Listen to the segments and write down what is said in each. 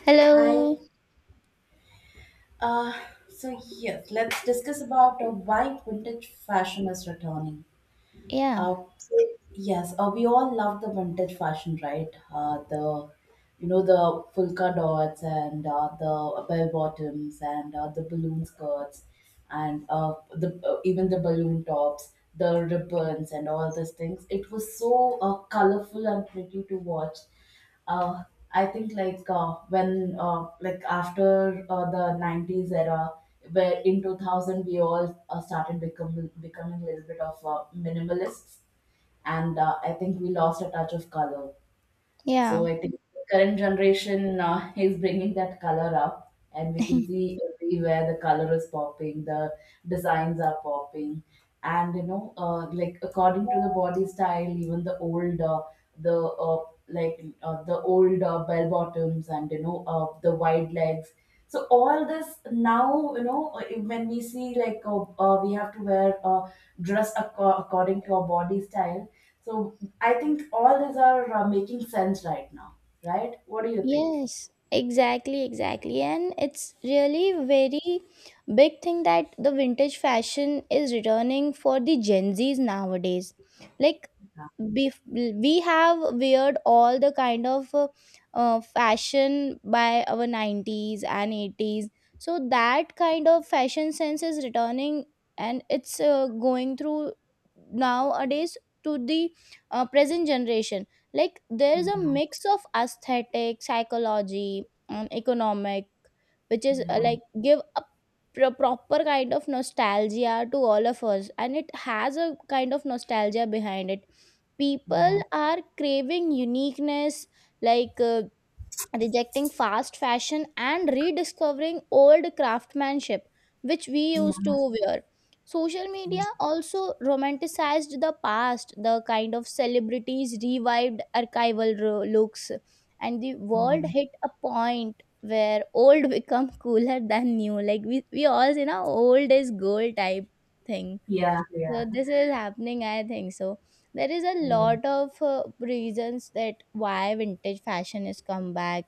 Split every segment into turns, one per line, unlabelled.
Hello.
Hi. Uh, so yes, let's discuss about why vintage fashion is returning.
Yeah.
Uh, so, yes, we all love the vintage fashion, right? The you know the polka dots and the bell bottoms and the balloon skirts and the even the balloon tops, the ribbons and all these things. It was so colorful and pretty to watch. uh, I think like when like after the 90s era, where in 2000 we all started becoming a little bit of minimalists, and I think we lost a touch of color. So
Yeah.
I think the current generation is bringing that color up, and we can see everywhere the color is popping, the designs are popping, and like according to the body style, even the old, the uh, bell bottoms, and the wide legs. So all this now, when we see like we have to wear according to our body style, so I think all these are making sense right now, right? What do you think?
Yes. Exactly. Exactly. And it's really very big thing that the vintage fashion is returning for the Gen Zs nowadays. Like
Yeah,
bef- we have weared all the kind of fashion by our 90s and 80s, so that kind of fashion sense is returning and it's going through nowadays to the present generation. Like there is a
yeah,
mix of aesthetic psychology and economic which is
yeah,
like give a proper kind of nostalgia to all of us, and it has a kind of nostalgia behind it. People are craving uniqueness, like rejecting fast fashion and rediscovering old craftsmanship which we
yeah,
used to
yeah,
wear. Social media also romanticized the past, the kind of celebrities revived archival looks, and the
yeah,
world hit a point where old become cooler than new, like we all, you know, old is gold type thing.
yeah,
So
yeah,
this is happening, I think. So there is a
yeah,
lot of reasons that why vintage fashion is come back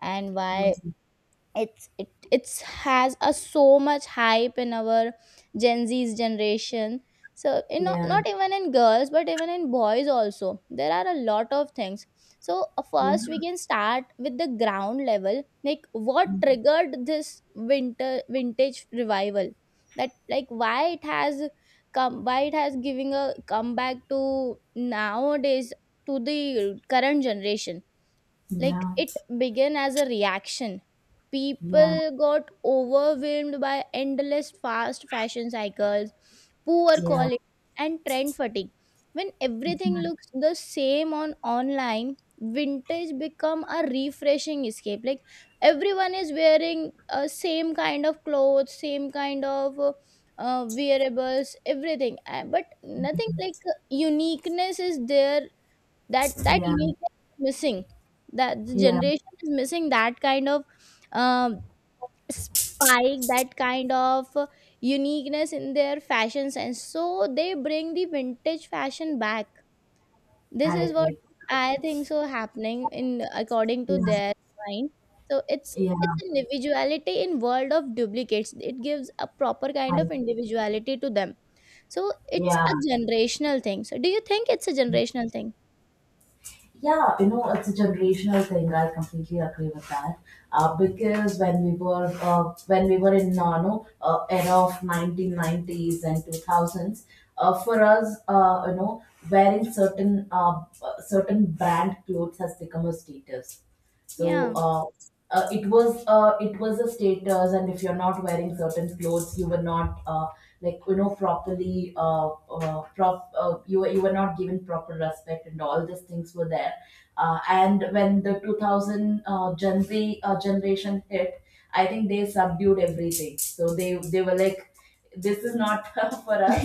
and why
yes,
it's has a so much hype in our Gen Z's generation. So you know
yeah,
not even in girls, but even in boys also there are a lot of things. So
yeah,
first we can start with the ground level, like what
mm,
triggered this winter vintage revival, that like why it has come, why it has giving a comeback to nowadays, to the current generation. Like
yeah,
it began as a reaction. People
yeah,
got overwhelmed by endless fast fashion cycles, poor
yeah,
quality, and trend fatigue. When everything
yeah,
looks the same on online, vintage become a refreshing escape. Like everyone is wearing same kind of clothes, same kind of wearables, everything. But nothing like uniqueness is there. That
yeah,
uniqueness is missing, that the
yeah,
generation is missing, that kind of um, spike, that kind of uniqueness in their fashion sense, so they bring the vintage fashion back. This
I
is what
agree.
I think so happening in according to
Yeah,
their mind. So it's
yeah,
it's individuality in world of duplicates, it gives a proper kind of
I,
individuality to them. So it's
yeah.
a generational thing, so do you think it's a generational thing?
Yeah, it's a generational thing. I completely agree with that. Because when we were in nano era of 1990s and 2000s, for us, wearing certain brand clothes has become a status. So
Yeah.
it was a status, and if you're not wearing certain clothes, you were not like properly prop you were not given proper respect, and all these things were there. And when the 2000 Gen Z generation hit, I think they subdued everything. So they were like this is not for us.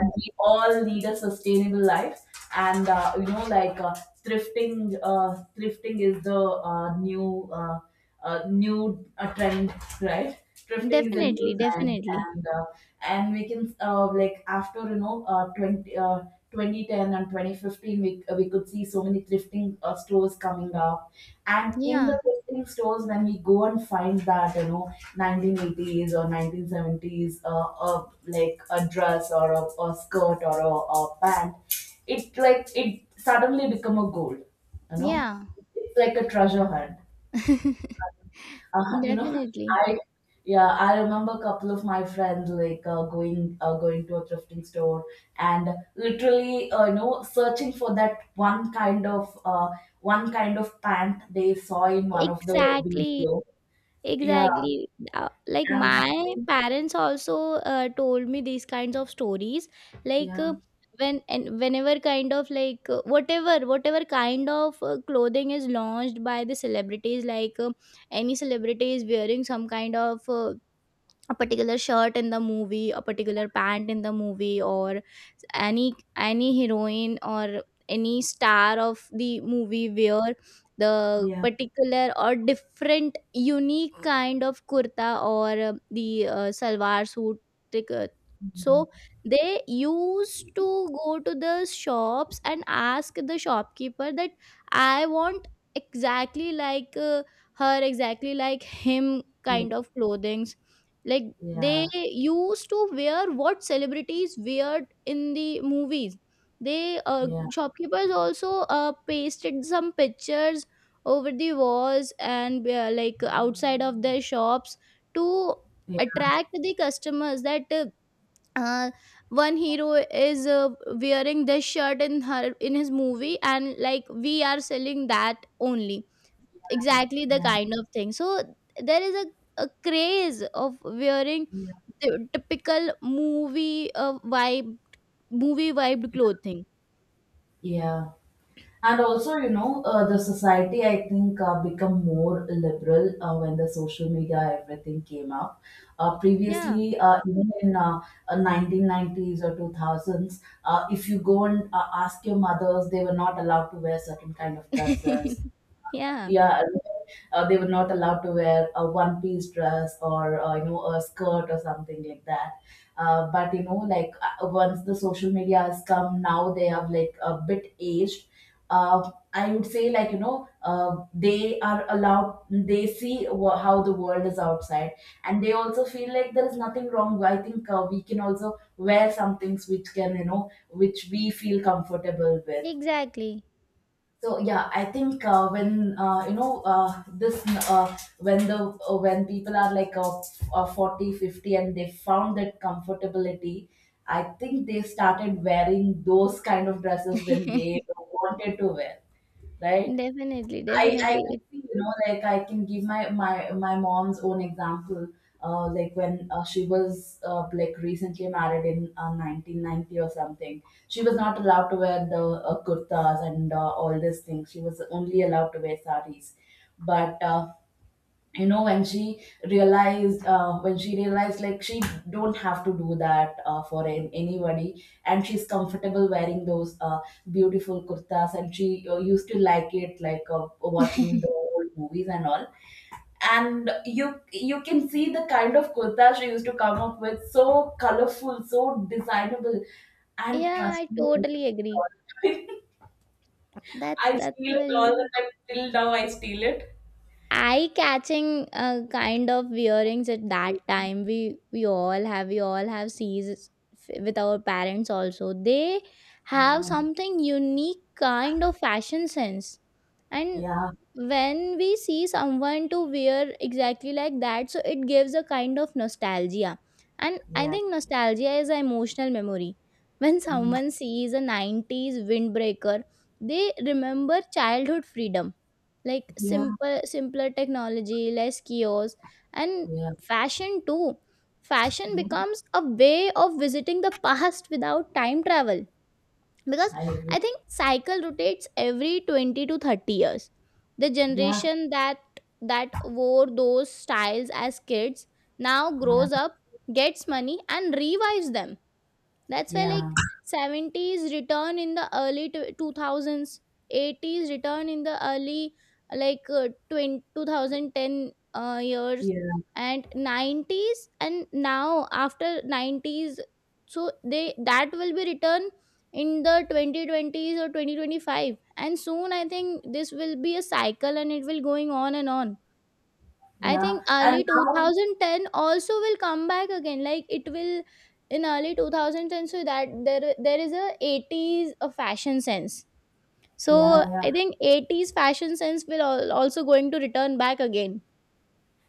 And we all need a sustainable life. And like thrifting is the new trend, right? Thrifting is a
Definitely,
new trend,
definitely.
and we can like after 20. 2010 and 2015 we could see so many thrifting stores coming up, and in the
Yeah,
thrifting stores when we go and find that 1980s or 1970s like a dress or a skirt or a pant, it suddenly become a gold, you know
yeah.
it's like a treasure hunt. uh, you know,
Definitely.
I yeah, I remember a couple of my friends like going to a thrifting store and literally searching for that one kind of pant they saw in one of the
Exactly,
video. Yeah,
exactly. Like
and
my
that,
parents also told me these kinds of stories. Like
yeah,
when and whenever kind of like whatever kind of clothing is launched by the celebrities, like any celebrity is wearing some kind of a particular shirt in the movie, a particular pant in the movie, or any heroine or any star of the movie wear the
yeah,
particular or different unique kind of kurta, or the salwar suit, tic- uh, so
mhm,
they used to go to the shops and ask the shopkeeper that I want exactly like her, exactly like him
yeah,
kind
mm-hmm.
of clothings. Like they
Yeah,
used to wear what celebrities wear in the movies. They
yeah,
shopkeepers also pasted some pictures over the walls and like outside of their shops to attract the customers, that uh, one hero is wearing this shirt in her, in his movie, and like we are selling that only, exactly the
yeah,
kind of thing. So there is a craze of wearing
yeah,
the typical movie vibe, movie vibe clothing.
yeah. And also the society I think become more liberal when the social media everything came up. uh,
Yeah.
previously uh, even in 1990s or 2000s, if you go and ask your mothers, they were not allowed to wear certain kind of dresses.
Yeah,
Yeah. They were not allowed to wear a one piece dress or a skirt or something like that. But like once the social media has come, now they have like a bit aged. I would say like they are allowed, they see how the world is outside, and they also feel like there is nothing wrong. I think we can also wear some things which can you know which we feel comfortable with.
exactly.
So yeah, I think when you know this when people are like 40, 50, and they found that comfortability, I think they started wearing those kind of dresses when they wanted to wear, right?
Definitely,
I,
definitely.
I could
It,
see, like I can give my mom's own example. Like when she was like recently married in 1990 or something, she was not allowed to wear the kurtas and all these things. She was only allowed to wear saris. But you know when she when she realized like she don't have to do that for anybody, and she's comfortable wearing those beautiful kurtas, and she used to like it like watching in the old movies and all. And you can see the kind of kurta she used to come up with, so colorful, so designable, and
yeah,
trust
I
me,
totally agree. That's
I just
that's
steal it all the
very
time. I steal it all the time. Till now I steal it.
eye catching kind of wearings at that time. We all have sees with our parents also, they have
Yeah,
something unique kind of fashion sense. And
yeah,
when we see someone to wear exactly like that, so it gives a kind of nostalgia. And I
yeah,
think nostalgia is an emotional memory. When someone sees a 90s windbreaker, they remember childhood freedom, like
yeah,
simpler technology, less kiosks, and
yeah,
fashion too. Fashion
yeah,
becomes a way of visiting the past without time travel. Because
I
I
agree.
think cycle rotates every 20 to 30 years, the
Yeah,
generation that wore those styles as kids now
yeah,
grows up, gets money, and revives them. That's why like
yeah,
70s return in the early 2000s, 80s return in the early like 20, 2010 years,
yeah,
and 90s, and now after 90s, so they that will be return in the 2020s or 2025, and soon I think this will be a cycle and it will going on and on. I
yeah.
think
And
early
now,
2010 also will come back again. Like it will in early 2010, so that there is a 80s a fashion sense.
yeah,
So I
yeah.
think 80s fashion sense will also going to return back again.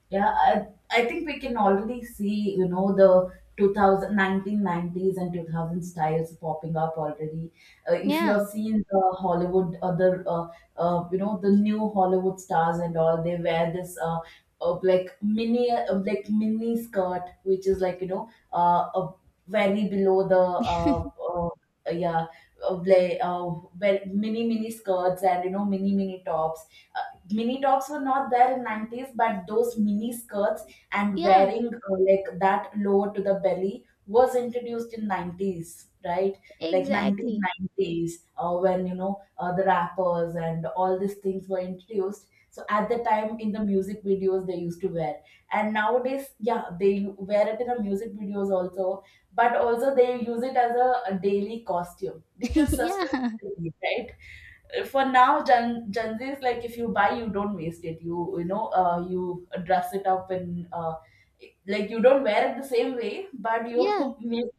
Yeah, I think we can already see, the 2019 nineties and 2000 styles popping up already. If
Yeah,
you're seeing the Hollywood, the new Hollywood stars and all, they wear this like like mini skirt, which is like, very below yeah, like, mini skirts and, mini tops. Mini tops were not there in 90s, but those mini skirts and
yeah,
wearing like that lower to the belly was introduced in 90s, right? Like
exactly.
1990s, when the rappers and all these things were introduced, so at the time in the music videos they used to wear, and nowadays yeah they wear it in the music videos also. But also they use it as a daily costume because
Yeah,
sustainability, right? For now Gen Z is like if you buy, you don't waste it. You you know uh, you dress it up and like you don't wear it the same way, but you
yeah.
make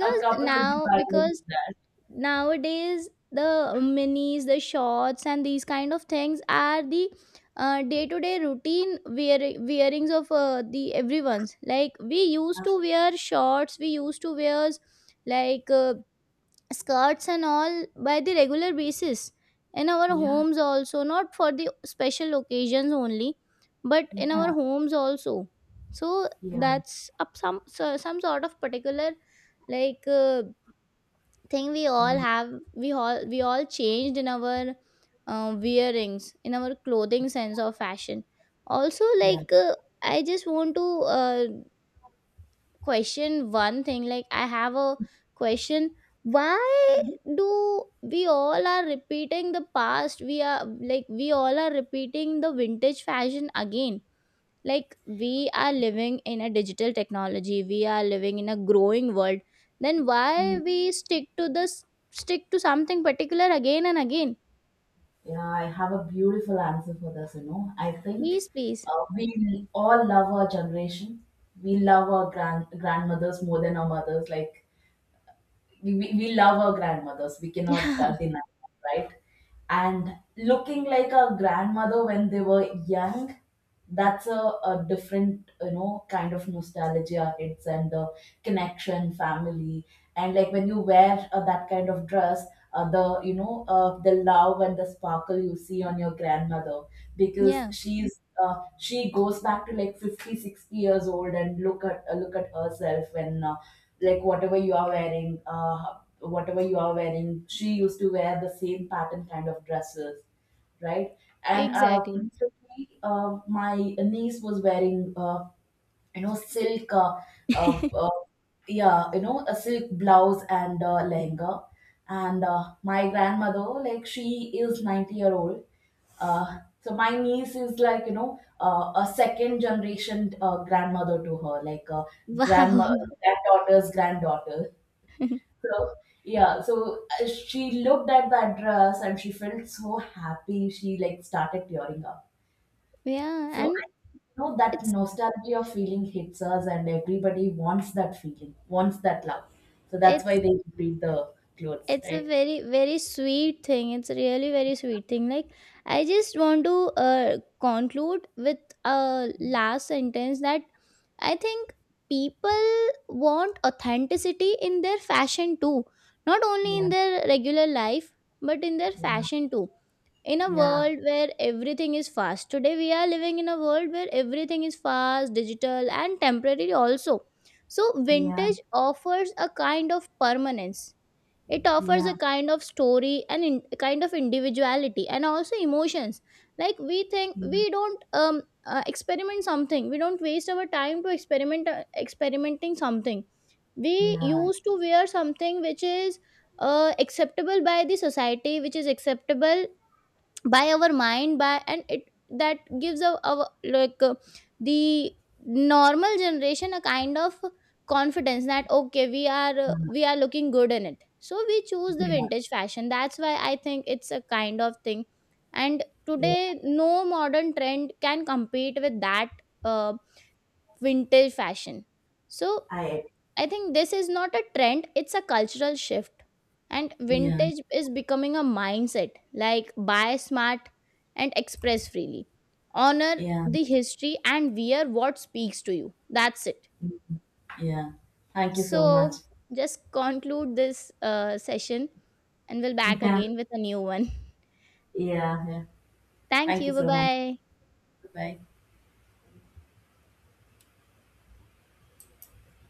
a couple of
now,
designs with
because
that.
nowadays the minis, the shorts and these kind of things are the day-to-day routine wearings of the everyone's. Like we used to wear shorts, we used to wear like skirts and all by the regular basis in our
Yeah,
homes also, not for the special occasions only, but in our
yeah,
homes also. So
yeah,
that's up some, so some sort of particular, like thing we
yeah,
all have. We all we all changed in our wearings in our clothing sense of fashion also,
yeah.
like I just want to uh, question one thing. Like I have a question: why
Mhm,
do we all are repeating the past? We are, like we all are repeating the vintage fashion again, like we are living in a digital technology, we are living in a growing world, then why
mhm.
we stick to this, stick to something particular again and again?
Yeah, I have a beautiful answer for this, I think
Please, please.
we all love our generation. We love our grandmothers more than our mothers. Like we love our grandmothers, we cannot
Yeah,
deny that, right? And looking like our grandmother when they were young, that's a different kind of nostalgia hits, and the connection family, and like when you wear that kind of dress, the you know the love and the sparkle you see on your grandmother, because
yeah,
she goes back to like 50, 60 years old and look at herself when like whatever you are wearing, she used to wear the same pattern kind of dresses, right? And
exactly.
recently, my niece was wearing silk uh, uh, yeah, a silk blouse and lehenga, and my grandmother, like she is 90-year old. uh, so my niece is like a second generation grandmother to her, like
Wow.
grandma granddaughter's granddaughter. So yeah, so she looked at that dress and she felt so happy, she like started tearing up,
Yeah.
so
And
I know that
it's
nostalgia feeling hits us, and everybody wants that feeling, wants that love. So that's why
it's
they repeat the clothes,
it's a
right?
very very sweet thing, it's a really very sweet thing. Like I just want to conclude with a last sentence that I think people want authenticity in their fashion too, not only in
Yeah,
their regular life, but in their
yeah,
fashion too. In a
yeah,
world where everything is fast today, we are living in a world where everything is fast, digital, and temporary also, so
yeah,
vintage offers a kind of permanence, it offers
yeah,
a kind of story and, in kind of individuality and also emotions. Like we think,
yeah,
we don't experiment something, we don't waste our time to experiment experimenting something. We
yeah,
used to wear something which is acceptable by the society, which is acceptable by our mind by, and it that gives our like the normal generation a kind of confidence that okay we are looking good in it, so we choose the
yeah,
vintage fashion. That's why I think it's a kind of thing. And
yeah.
today no modern trend can compete with that uh, vintage fashion. So
I
I think this is not a trend, it's a cultural shift. And
yeah,
vintage is becoming a mindset, like buy smart and express freely. Honor
yeah,
the history and wear what speaks to you. That's it.
yeah. Thank you so much.
So, just conclude this session and we'll back
Yeah,
again with a new one.
yeah, yeah.
Thank
Thank
you.
you
Bye
so much.
bye.
Bye.